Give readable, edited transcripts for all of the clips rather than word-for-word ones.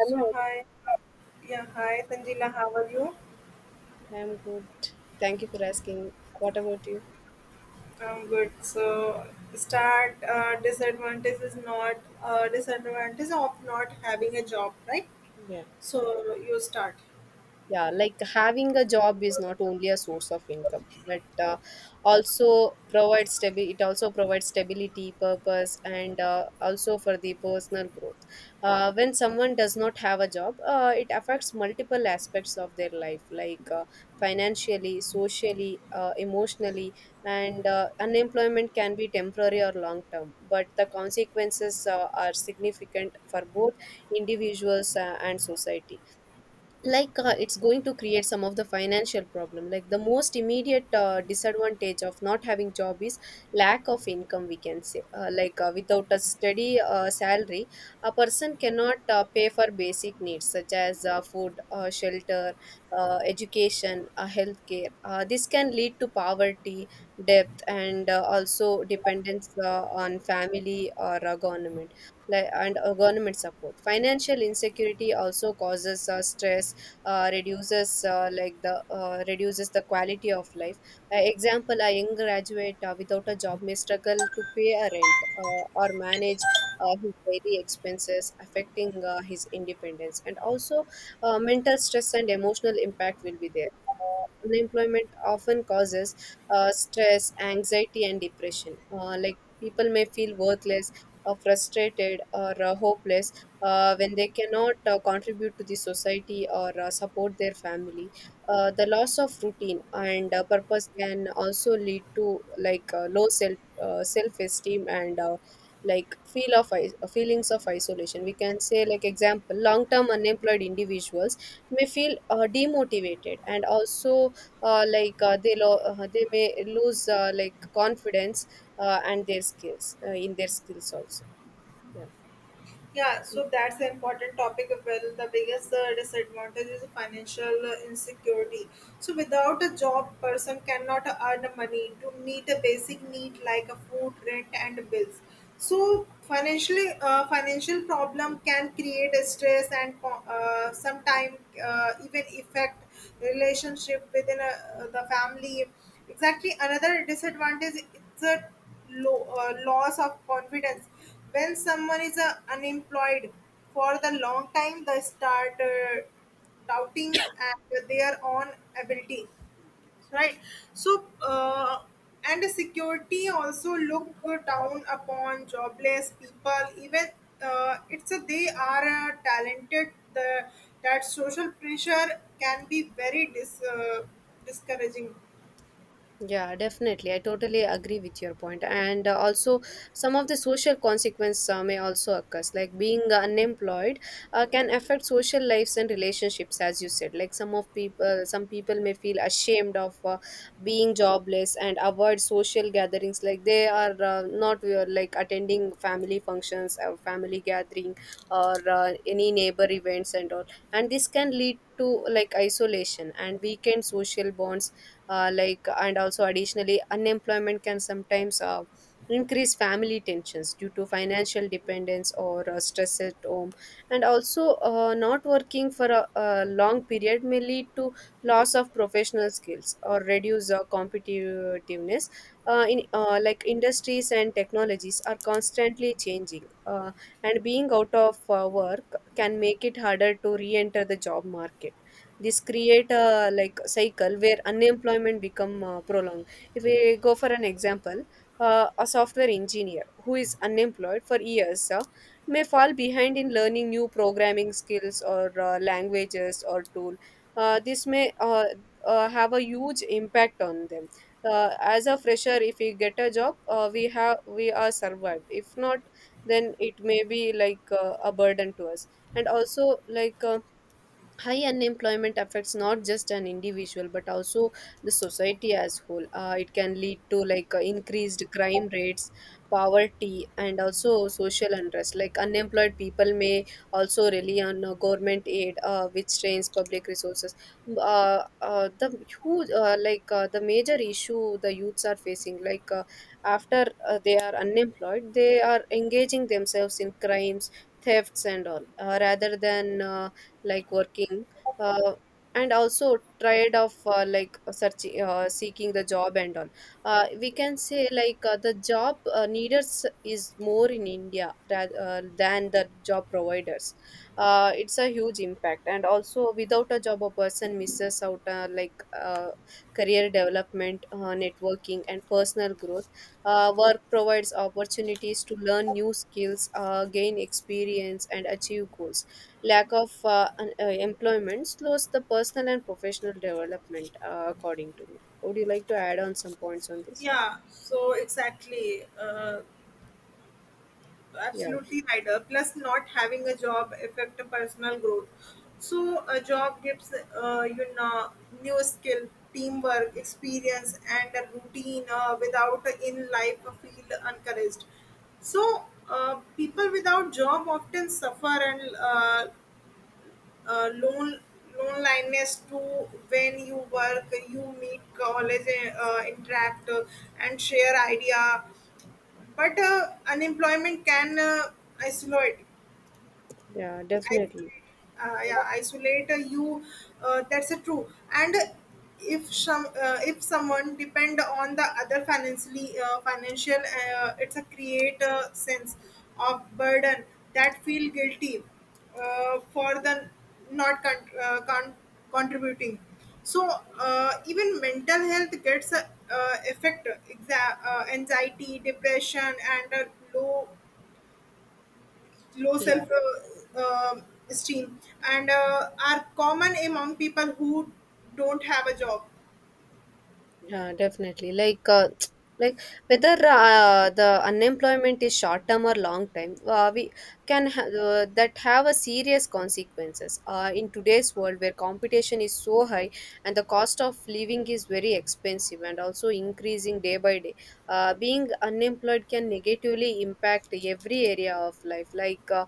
I'm, So hi, yeah, hi Sanjila, how are you? I'm good. Thank you for asking. What about you? I'm good. So start disadvantage is not disadvantage of not having a job, right? Yeah. So you start. Yeah, like having a job is not only a source of income, but also provides it also provides stability, purpose, and also for the personal growth. When someone does not have a job, it affects multiple aspects of their life, like financially, socially, emotionally, and unemployment can be temporary or long term, but the consequences are significant for both individuals and society, like it's going to create some of the financial problem. Like the most immediate disadvantage of not having job is lack of income, we can say, without a steady salary a person cannot pay for basic needs such as food, shelter, education, healthcare. This can lead to poverty, debt, and also dependence on family or government, like, and government support. Financial insecurity also causes stress, reduces, like the reduces the quality of life. Example: a young graduate without a job may struggle to pay a rent or manage his daily expenses, affecting his independence, and also mental stress and emotional impact will be there. uh, Unemployment often causes stress, anxiety, and depression. Like people may feel worthless, frustrated, or hopeless when they cannot contribute to the society or support their family. The loss of routine and purpose can also lead to, like, low self esteem and feelings of isolation. We can say, like, example, long term unemployed individuals may feel demotivated, and also they may lose, like, confidence and their skills in their skills also. Yeah. Yeah, so that's an important topic. Well, the biggest disadvantage is financial insecurity. So, without a job, person cannot earn money to meet a basic need like a food, rent, and bills. So, financially, financial problem can create a stress and sometimes even affect relationship within the family. Exactly, another disadvantage is a loss of confidence when someone is unemployed for the long time, they start doubting at their own ability, right? So, and security also look down upon jobless people. Even it's a, they are talented. The that social pressure can be very discouraging. Yeah, definitely. I totally agree with your point. And also, some of the social consequences may also occur. Like being unemployed can affect social lives and relationships, as you said. Some people may feel ashamed of being jobless and avoid social gatherings. Like they are not like attending family functions or family gathering or any neighbor events and all. And this can lead to, like, isolation and weakened social bonds, and also, additionally, unemployment can sometimes increase family tensions due to financial dependence or stress at home. And also not working for a long period may lead to loss of professional skills or reduce competitiveness in like industries and technologies are constantly changing, and being out of work can make it harder to re-enter the job market. This create a, like, cycle where unemployment become prolonged. If we go for an example, a software engineer who is unemployed for years may fall behind in learning new programming skills or languages or tool. This may have a huge impact on them. As a fresher, if we get a job, we are survived; if not, then it may be like a burden to us. And also, like, high unemployment affects not just an individual, but also the society as whole. It can lead to, like, increased crime rates, poverty, and also social unrest. Like unemployed people may also rely on government aid, which strains public resources. The huge, the major issue the youths are facing, like, after they are unemployed, they are engaging themselves in crimes, thefts, and all, rather than, like, working uh, and also tired of, like searching seeking the job and all. We can say, like, the job needers is more in india, rather, than the job providers. It's a huge impact. And also, without a job, a person misses out career development, networking, and personal growth. Work provides opportunities to learn new skills, gain experience, and achieve goals. Lack of employment slows the personal and professional development, according to me. Would you like to add on some points on this? Yeah, so exactly. Yeah. Absolutely right. Plus, not having a job affect a personal growth. So, a job gives you know new skill, teamwork, experience, and a routine. Without in life, feel encouraged. So, people without job often suffer and uh, lone loneliness too. When you work, you meet college, interact, and share idea. But unemployment can isolate Yeah, isolate, definitely. Yeah, isolate you. That's a true. And if if someone depend on the other financially, financial, it's a create a sense of burden that feel guilty for the not contributing. So even mental health gets affect anxiety, depression, and a low Yeah. self esteem and are common among people who don't have a job. Yeah, definitely. Like, like whether the unemployment is short term or long time, we that have a serious consequences. In today's world, where competition is so high and the cost of living is very expensive and also increasing day by day, being unemployed can negatively impact every area of life. Like,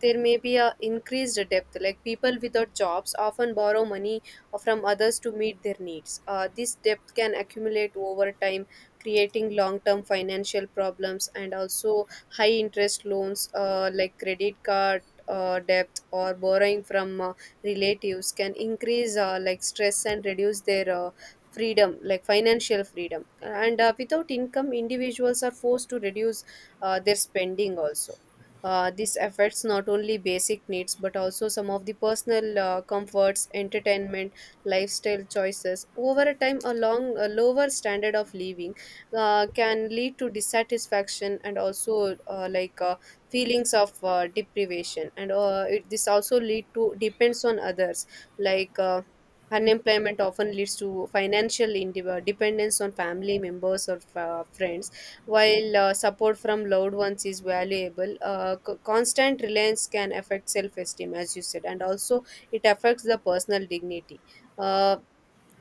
there may be a increased debt. Like people without jobs often borrow money from others to meet their needs. This debt can accumulate over time, creating long term financial problems, and also high interest loans like credit card. Debt or borrowing from relatives can increase, like, stress and reduce their freedom, like financial freedom. And without income, individuals are forced to reduce their spending also. This affects not only basic needs, but also some of the personal comforts, entertainment, lifestyle choices. Over a time, a long, a lower standard of living can lead to dissatisfaction, and also feelings of deprivation. And this also lead to depends on others, like. Unemployment often leads to financial dependence on family members or friends. While support from loved ones is valuable, constant reliance can affect self esteem, as you said, and also it affects the personal dignity uh,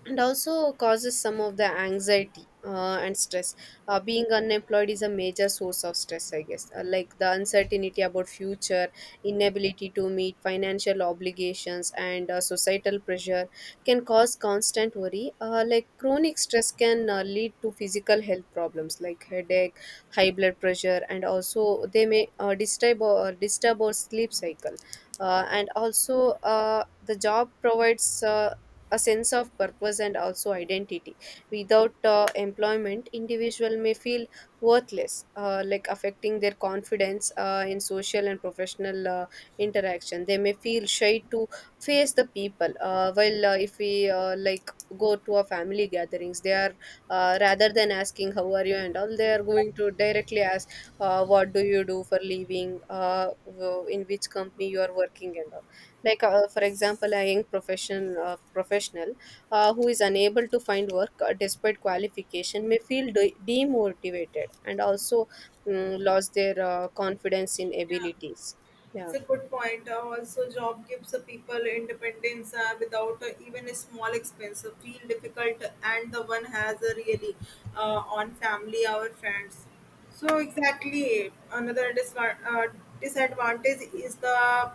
and also causes some of the anxiety and stress. Being unemployed is a major source of stress, I guess. Like the uncertainty about future, inability to meet financial obligations, and societal pressure can cause constant worry. Like chronic stress can lead to physical health problems like headache, high blood pressure, and also they may disturb our sleep cycle. And also, the job provides a sense of purpose and also identity. Without employment, individual may feel worthless, like affecting their confidence in social and professional interaction. They may feel shy to face the people. While if we like go to a family gatherings, they are rather than asking how are you and all, they are going to directly ask what do you do for living, in which company you are working and all, like, for example, a young professional who is unable to find work despite qualification may feel demotivated, and also, lost their confidence in abilities. It's Yeah. a good point. Also, job gives the people independence without even a small expense. Feel difficult, and the one has a really on family, our friends. So exactly, another disadvantage is the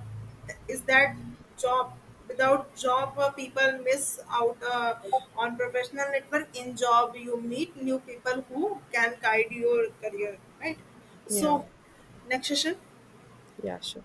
is that job without job people miss out on professional network. In job, you meet new people who can guide your career. Right. Yeah, So, next session. yeah, sure.